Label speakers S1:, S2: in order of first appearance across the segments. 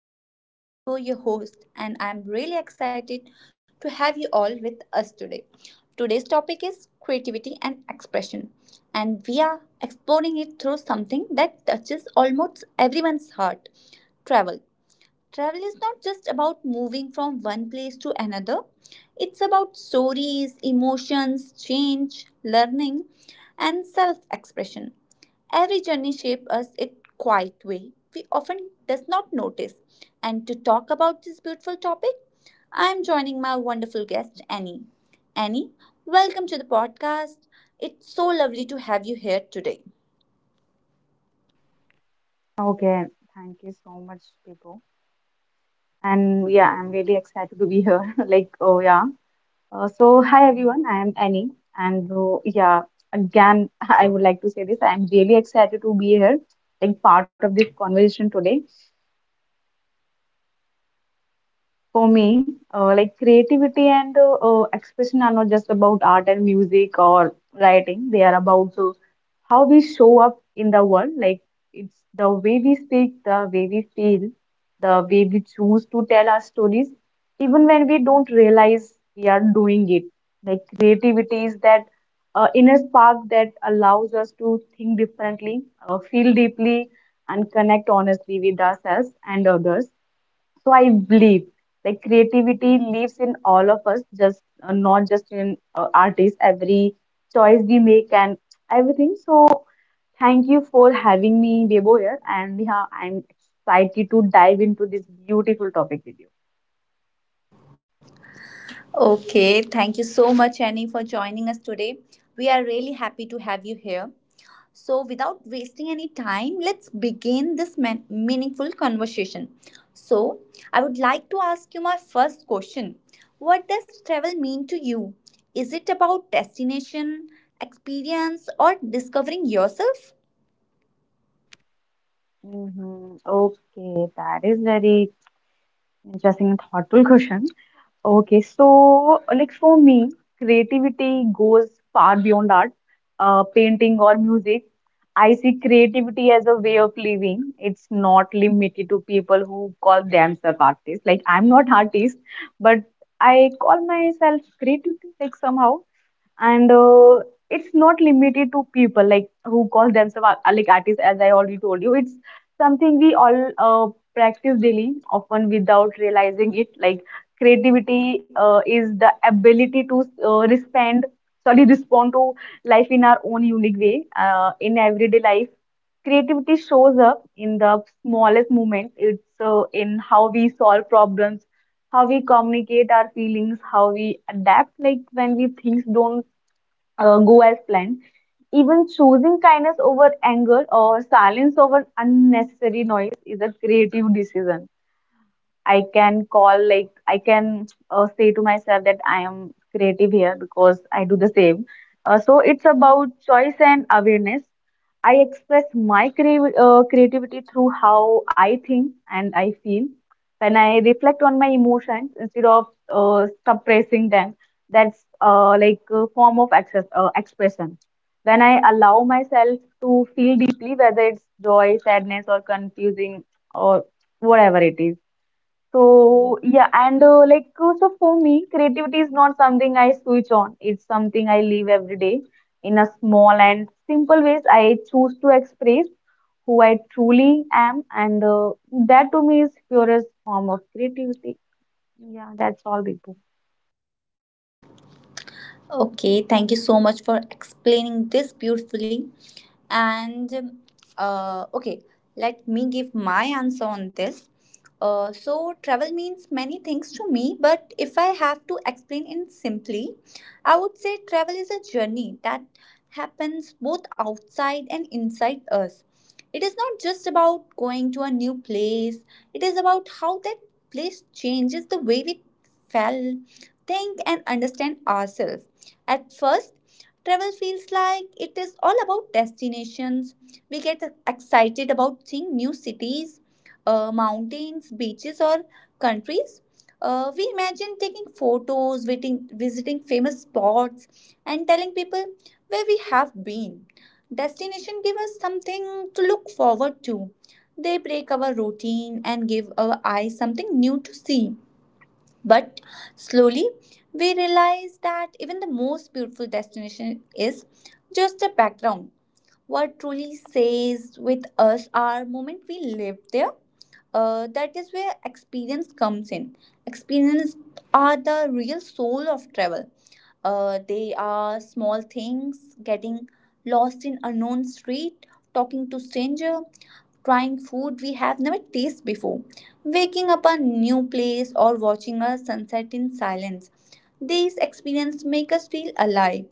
S1: podcast. I'm Bebo, your host, and I'm really excited to have you all with us today. Today's topic is creativity and expression, and we are exploring it through something that touches almost everyone's heart travel. Travel is not just about moving from one place to another, it's about stories, emotions, change, learning, and self expression. Every journey shapes us in quiet way we often does not notice. And to talk about this beautiful topic, I am joining my wonderful guest Annie. Annie, welcome to the podcast. It's so lovely to have you here today.
S2: Okay, thank you so much, Bibo. And yeah, I'm really excited to be here. Like, oh yeah. So hi everyone, I am Annie, and yeah, again I would like to say this. I'm really excited to be here, like part of this conversation today. For me, like creativity and expression are not just about art and music or writing. They are about how we show up in the world. It's the way we speak, the way we feel, the way we choose to tell our stories, even when we don't realize we are doing it. Like creativity is that inner spark that allows us to think differently, feel deeply, and connect honestly with ourselves and others. So I believe like creativity lives in all of us, just not just in artists. Every choice we make and everything. So thank you for having me, Debo here, and Neha. I'm excited to dive into this beautiful topic with you.
S1: Okay, thank you so much, Annie, for joining us today. We are really happy to have you here. So, without wasting any time, let's begin this meaningful conversation. So, I would like to ask you my first question. What does travel mean to you? Is it about destination, experience, or discovering yourself?
S2: Mm-hmm. Okay, that is very interesting and thoughtful question. Okay, so like for me, creativity goes far beyond art, painting or music. I see creativity as a way of living. It's not limited to people who call themselves artists. Like I'm not artist, but I call myself creativity like somehow and it's not limited to people like who call themselves like artists as I already told you. It's something we all practice daily, often without realizing it. Like creativity is the ability to respond to life in our own unique way. In everyday life, creativity shows up in the smallest moments. It's in how we solve problems, how we communicate our feelings, how we adapt, like when we things don't go as planned. Even choosing kindness over anger or silence over unnecessary noise is a creative decision. I can say to myself that I am creative here because I do the same. So it's about choice and awareness. I express my creativity through how I think and I feel. When I reflect on my emotions instead of suppressing them, that's like a form of access, expression. When I allow myself to feel deeply, whether it's joy, sadness, or confusing, or whatever it is. So yeah, and so for me, creativity is not something I switch on. It's something I live every day in a small and simple ways. I choose to express who I truly am, and that to me is purest form of creativity. Yeah, that's all, Bibu.
S1: Okay, thank you so much for explaining this beautifully. And okay, let me give my answer on this. So, travel means many things to me, but if I have to explain in simply, I would say travel is a journey that happens both outside and inside us. It is not just about going to a new place, it is about how that place changes the way we feel, think, and understand ourselves. At first, travel feels like it is all about destinations. We get excited about seeing new cities, mountains, beaches, or countries. We imagine taking photos, visiting famous spots, and telling people where we have been. Destination give us something to look forward to. They break our routine and give our eyes something new to see. But slowly, we realize that even the most beautiful destination is just a background. What truly stays with us are moment we live there. That is where experience comes in. Experience are the real soul of travel. They are small things, getting lost in unknown street, talking to stranger, trying food we have never tasted before, waking up a new place, or watching a sunset in silence. These experiences make us feel alive.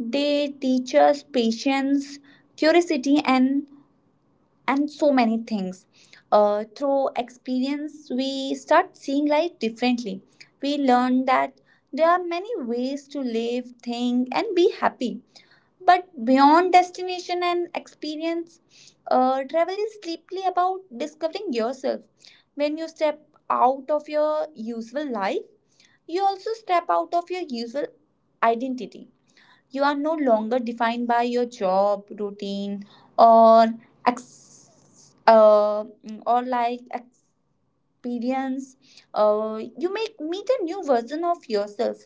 S1: They teach us patience, curiosity, and so many things. Through experience, we start seeing life differently. We learn that there are many ways to live, think, and be happy. But beyond destination and experience, travel is deeply about discovering yourself. When you step out of your usual life, you also step out of your usual identity. You are no longer defined by your job, routine, or ex- uh, or like experience. You may meet a new version of yourself,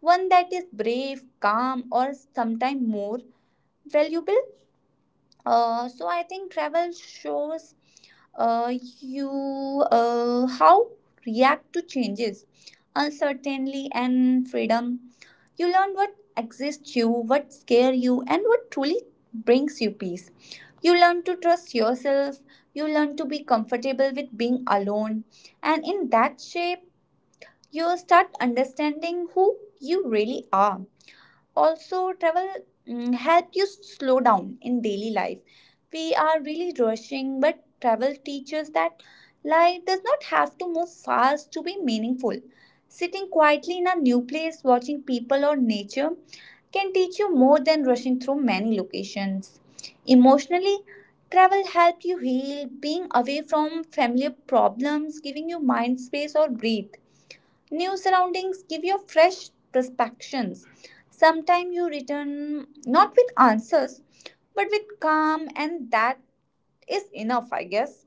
S1: one that is brave, calm, or sometimes more valuable. So I think travel shows uh, you how react to changes, uncertainty, and freedom. You learn what exists you, what scare you, and what truly brings you peace. You learn to trust yourself. You learn to be comfortable with being alone, and in that shape, you start understanding who you really are. Also travel help you slow down in daily life. We are really rushing, but travel teaches that life does not have to move fast to be meaningful. Sitting quietly in a new place watching people or nature can teach you more than rushing through many locations. Emotionally, travel helps you heal, being away from familiar problems, giving you mind space or breathe. New surroundings give you fresh perspectives. Sometimes you return not with answers, but with calm, and that is enough, I guess.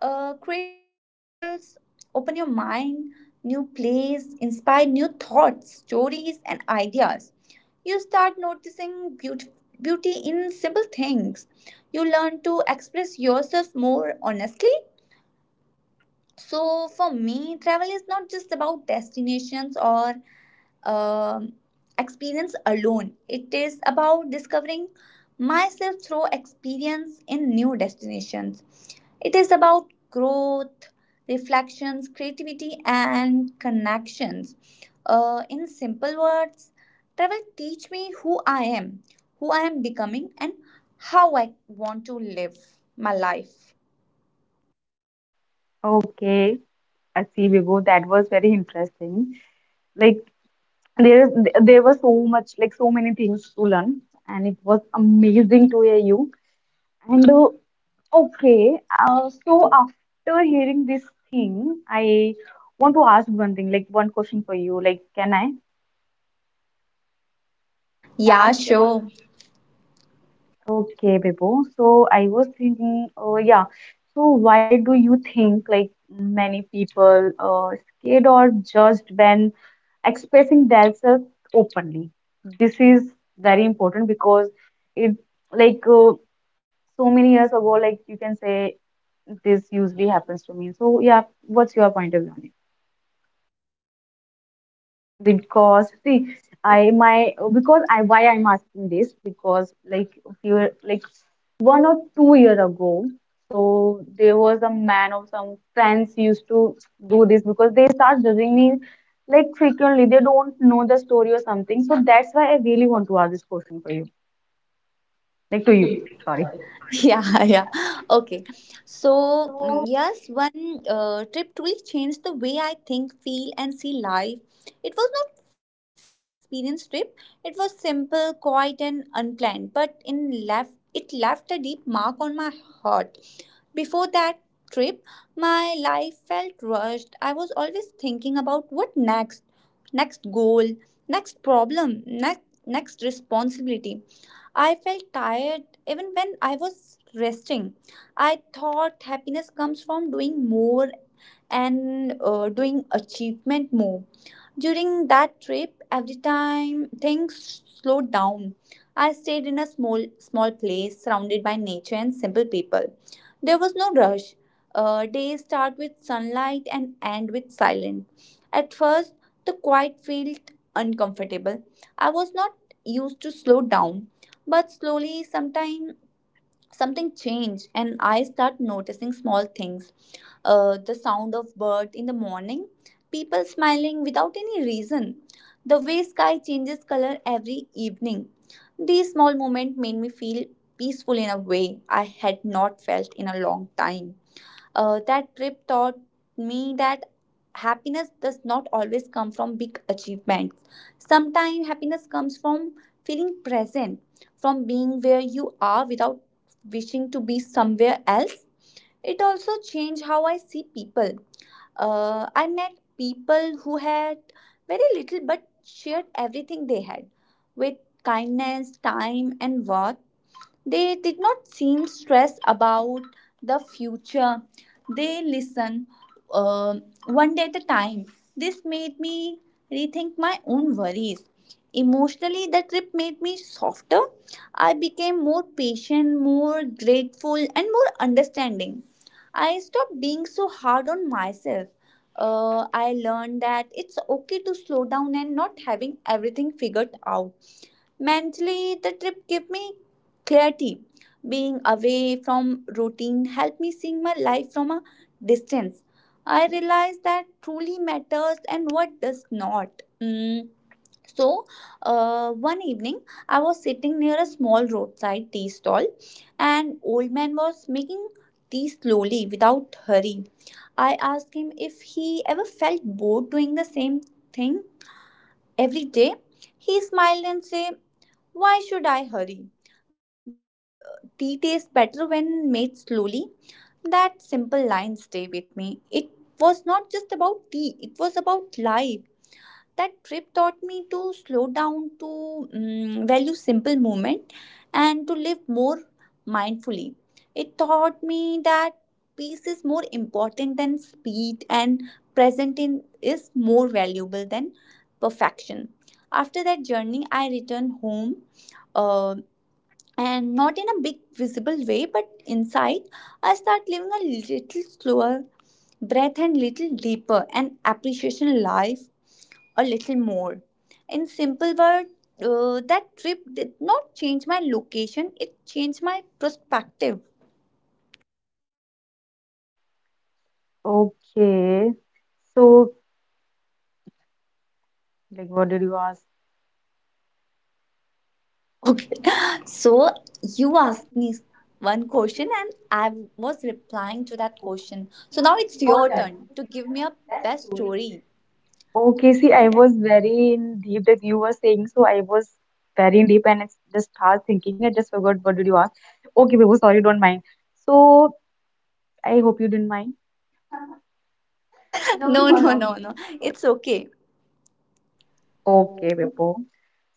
S1: Creativity travels, open your mind, new place, inspire new thoughts, stories, and ideas. You start noticing beauty, beauty in simple things. You learn to express yourself more honestly. So, for me, travel is not just about destinations or um, experience alone. It is about discovering myself through experience in new destinations. It is about growth, reflections, creativity, and connections. In simple words, travel teach me who I am becoming, and how I want to live my life.
S2: Okay, I see, Vibhu, that was very interesting. Like there is there was so much, like so many things to learn, and it was amazing to hear you. And okay, so after hearing this thing, I want to ask one thing, like one question for you. Like, can I?
S1: Yeah,
S2: Yeah, sure.
S1: sure.
S2: Okay, Bebo. So I was thinking, oh yeah. So why do you think like many people scared or judged when expressing themselves openly? This is very important because it like uh, so many years ago, like you can say this usually happens to me. So yeah, what's your point of view? because see because I'm asking this because like a few, like 1 or 2 year ago, so there was a man of some friends used to do this because they start judging me, like frequently. They don't know the story or something, so that's why I really want to ask this question for you, like to you. Sorry.
S1: Yeah, yeah. Okay. So yes, one trip truly changed the way I think, feel, and see life. It was not fancy or experienced trip. It was simple, quiet, and unplanned, but in left it left a deep mark on my heart. Before that trip, my life felt rushed. I was always thinking about what next, next goal, next problem, next responsibility. I felt tired even when I was resting. I thought happiness comes from doing more, and doing achievement more. During that trip, every time things slowed down, I stayed in a small place surrounded by nature and simple people. There was no rush. Days start with sunlight and end with silence. At first, the quiet felt uncomfortable. I was not used to slow down, but slowly, sometime something changed, and I start noticing small things, the sound of bird in the morning, people smiling without any reason, the way sky changes color every evening. These small moments made me feel peaceful in a way I had not felt in a long time. That trip taught me that happiness does not always come from big achievements. Sometimes happiness comes from feeling present, from being where you are without wishing to be somewhere else. It also changed how I see people. I met people who had very little but shared everything they had with kindness, time, and worth. They did not seem stressed about the future. They listened uh, one day at a time. This made me rethink my own worries. Emotionally, the trip made me softer. I became more patient, more grateful, and more understanding. I stopped being so hard on myself. I learned that it's okay to slow down and not having everything figured out. Mentally, the trip gave me clarity. Being away from routine helped me seeing my life from a distance. I realized that truly matters and what does not. Mm. So, one evening, I was sitting near a small roadside tea stall, and old man was making tea slowly without hurry. I asked him if he ever felt bored doing the same thing every day. He smiled and said, why should I hurry? The tea tastes better when made slowly. That simple line stay with me. It was not just about tea, it was about life. That trip taught me to slow down, to value simple moment, and to live more mindfully. It taught me that peace is more important than speed, and present in is more valuable than perfection. After that journey, I returned home, uh, and not in a big visible way, but inside I start living a little slower, breath and little deeper, and appreciation life a little more. In simple word, that trip did not change my location, it changed my perspective.
S2: Okay, so like what did you ask?
S1: Okay, so you asked me one question and I was replying to that question, so now it's your turn to give me a best story.
S2: Okay, see, I was very in deep that you were saying, so I was very in deep and it's just hard thinking. I just forgot what did you ask. Okay, Bebo, sorry, don't mind. So I hope you didn't mind.
S1: No, no, no, no, it's okay.
S2: Okay, Bebo.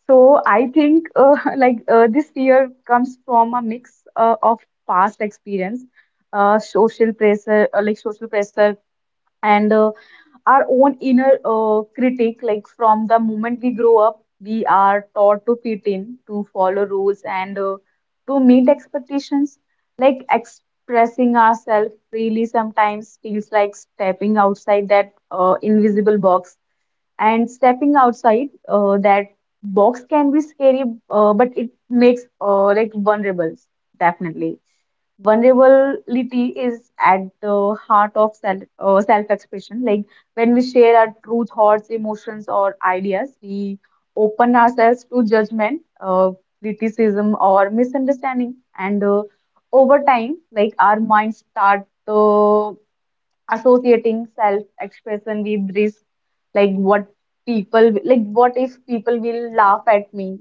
S2: So I think like this fear comes from a mix of past experience, like social pressure, and our own inner critic. Like from the moment we grow up, we are taught to fit in, to follow rules and to meet expectations. Like expressing ourselves freely sometimes feels like stepping outside that invisible box, and stepping outside that box can be scary. But it makes like vulnerable. Definitely vulnerability is at the heart of self-expression. Like when we share our true thoughts, emotions, or ideas, we open ourselves to judgment, criticism, or misunderstanding. And over time, like our minds start associating self-expression with risk, like what if people will laugh at me,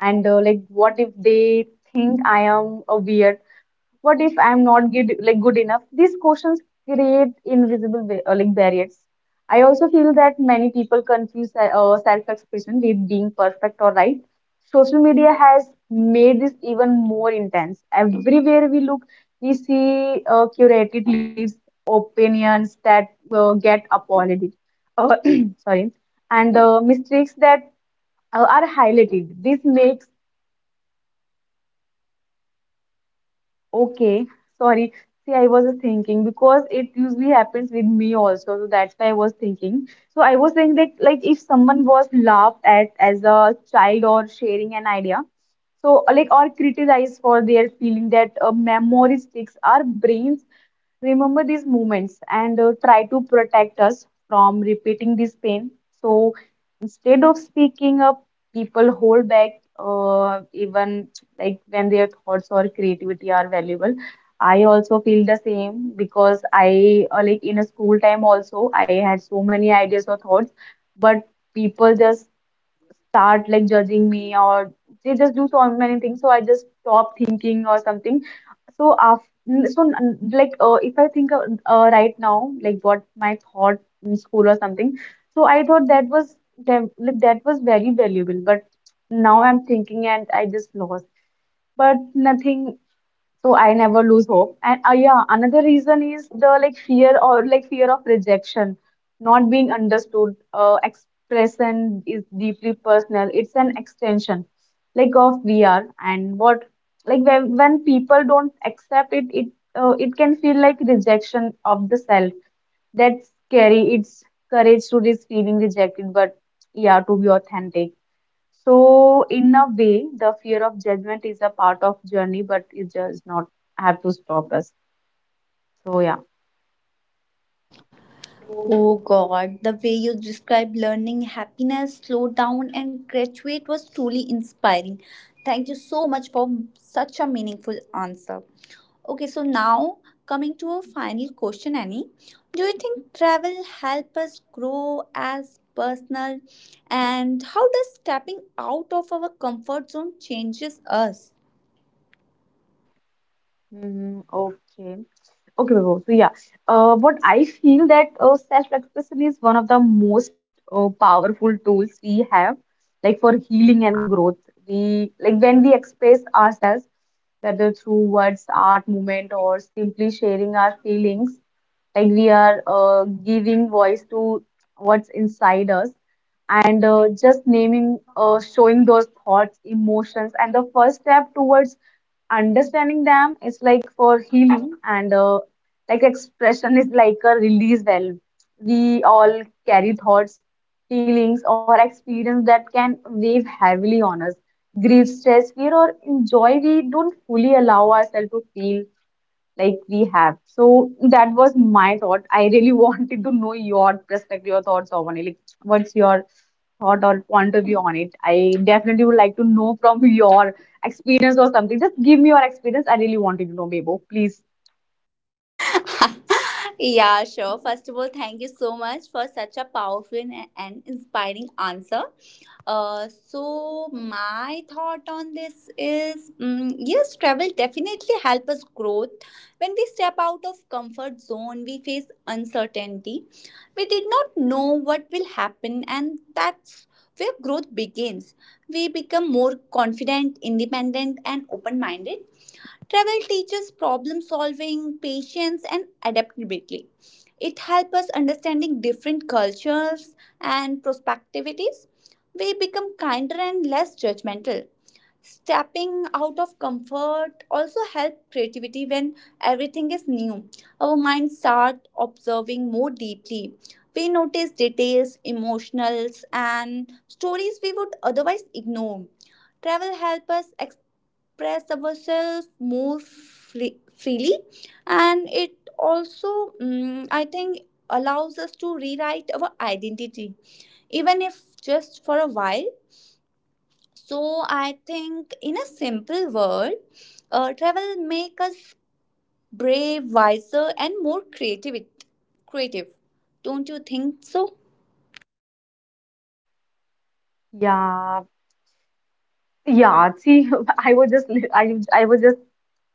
S2: and like what if they think I am a weird, what if I'm not good, like good enough? These questions create invisible like barriers. I also feel that many people confuse self-expression with being perfect or right. Social media has made this even more intense. Everywhere we look, we see curated lists, opinions that get applauded. Uh, sorry, and mistakes that are highlighted. This makes okay, sorry. See, I was just thinking because it usually happens with me also, so that's why I was thinking. So I was saying that like if someone was laughed at as a child or sharing an idea, so like or criticized for their feeling, that memory sticks. Our brains remember these moments and try to protect us from repeating this pain. So instead of speaking up, people hold back, even like when their thoughts or creativity are valuable. I also feel the same because I like in a school time also, I had so many ideas or thoughts, but people just start like judging me or they just do so many things. So I just stop thinking or something. So after if I think of, right now, like what my thought in school or something. So I thought that was that was very valuable, but now I'm thinking and I just lost. But nothing, so I never lose hope. And yeah, another reason is the like fear or like fear of rejection, not being understood. Expression is deeply personal. It's an extension, like of we are, and what like when people don't accept it, it can feel like rejection of the self. That's scary. It's courage to risk feeling rejected, but yeah, to be authentic. So in a way, the fear of judgment is a part of journey, but it does not have to stop us. So yeah.
S1: Oh God, the way you described learning happiness, slow down, and graduate was truly inspiring. Thank you so much for such a meaningful answer. Okay, so now coming to a final question, Annie. Do you think travel help us grow as personal? And how does stepping out of our comfort zone changes us?
S2: Mm, okay. Okay, Vibhu. So yeah, what I feel that self-expression is one of the most powerful tools we have, like for healing and growth. We like when we express ourselves, whether through words, art, movement, or simply sharing our feelings, like we are giving voice to what's inside us, and just showing those thoughts, emotions, and the first step towards understanding them is like for healing. And like expression is like a release valve. We all carry thoughts, feelings or experience that can weigh heavily on us: grief, stress, fear or joy we don't fully allow ourselves to feel, like we have. So that was my thought. I really wanted to know your perspective, your thoughts on it, like what's your thought or point of view on it. I definitely would like to know from your experience or something. Just give me your experience. I really wanted to know, Bebo, please.
S1: Yeah, sure. First of all, thank you so much for such a powerful and inspiring answer. So my thought on this is yes, travel definitely help us growth. When we step out of comfort zone, we face uncertainty. We did not know what will happen, and that's where growth begins. We become more confident, independent, and open minded. Travel teaches problem solving, patience, and adaptability. It helps us understanding different cultures and perspectives. We become kinder and less judgmental. Stepping out of comfort also helps creativity when everything is new. Our minds start observing more deeply. We notice details, emotionals, and stories we would otherwise ignore. Travel helps us express ourselves freely, and it also I think allows us to rewrite our identity, even if just for a while. So I think in a simple word, travel make us brave, wiser, and more creative. creative don't you think so?
S2: Yeah, yeah. See, I was just I was just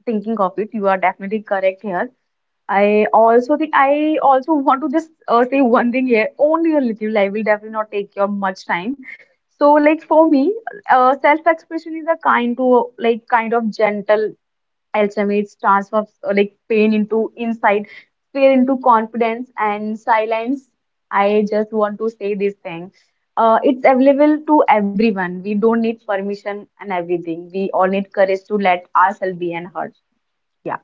S2: thinking of it. You are definitely correct here. I also want to just say one thing here, only a little. I will definitely not take your much time. So, like for me, self-expression is a kind to like kind of gentle Alchemates, transforms like pain into insight, fear into confidence, and silence. I just want to say this thing. It's available to everyone. We don't need permission and everything. We all need courage to let ourselves be and hurt. Yeah.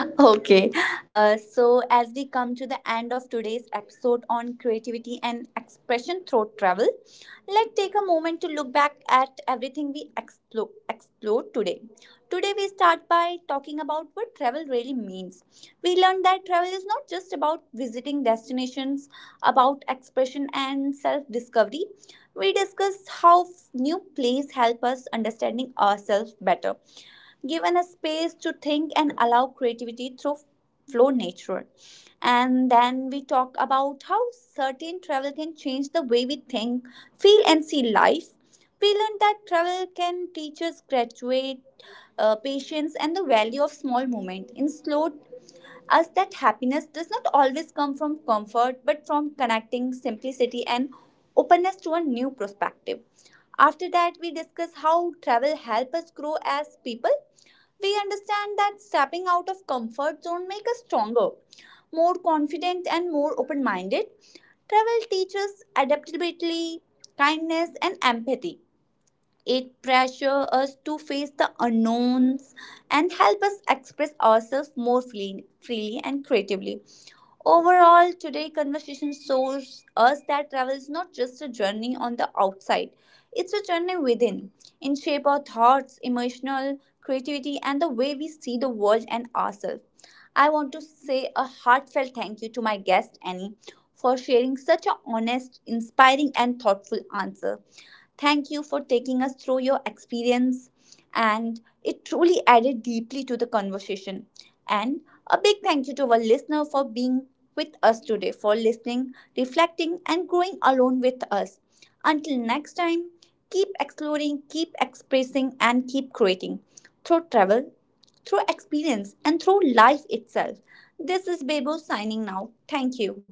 S1: Okay, so as we come to the end of today's episode on creativity and expression through travel, let's take a moment to look back at everything we explored today. Today, we start by talking about what travel really means. We learned that travel is not just about visiting destinations, about expression and self discovery. We discussed how new places help us understanding ourselves better, given a space to think and allow creativity through flow nature. And then we talk about how certain travel can change the way we think, feel, and see life. We learned that travel can teach us graduate, patience and the value of small moment in slow us that happiness does not always come from comfort, but from connecting simplicity and openness to a new perspective. After that, we discuss how travel help us grow as people. We understand that stepping out of comfort zone makes us stronger, more confident, and more open minded. Travel teaches adaptability, kindness, and empathy. It pressures us to face the unknowns and help us express ourselves freely and creatively. Overall, today conversation shows us that travel is not just a journey on the outside. It's a journey within, in shape our thoughts, emotional creativity, and the way we see the world and ourselves. I want to say a heartfelt thank you to my guest Annie for sharing such an honest, inspiring, and thoughtful answer. Thank you for taking us through your experience, and it truly added deeply to the conversation. And a big thank you to our listener for being with us today, for listening, reflecting, and growing along with us. Until next time, keep exploring, keep expressing, and keep creating through travel, through experience, and through life itself. This is Bebo signing now. Thank you.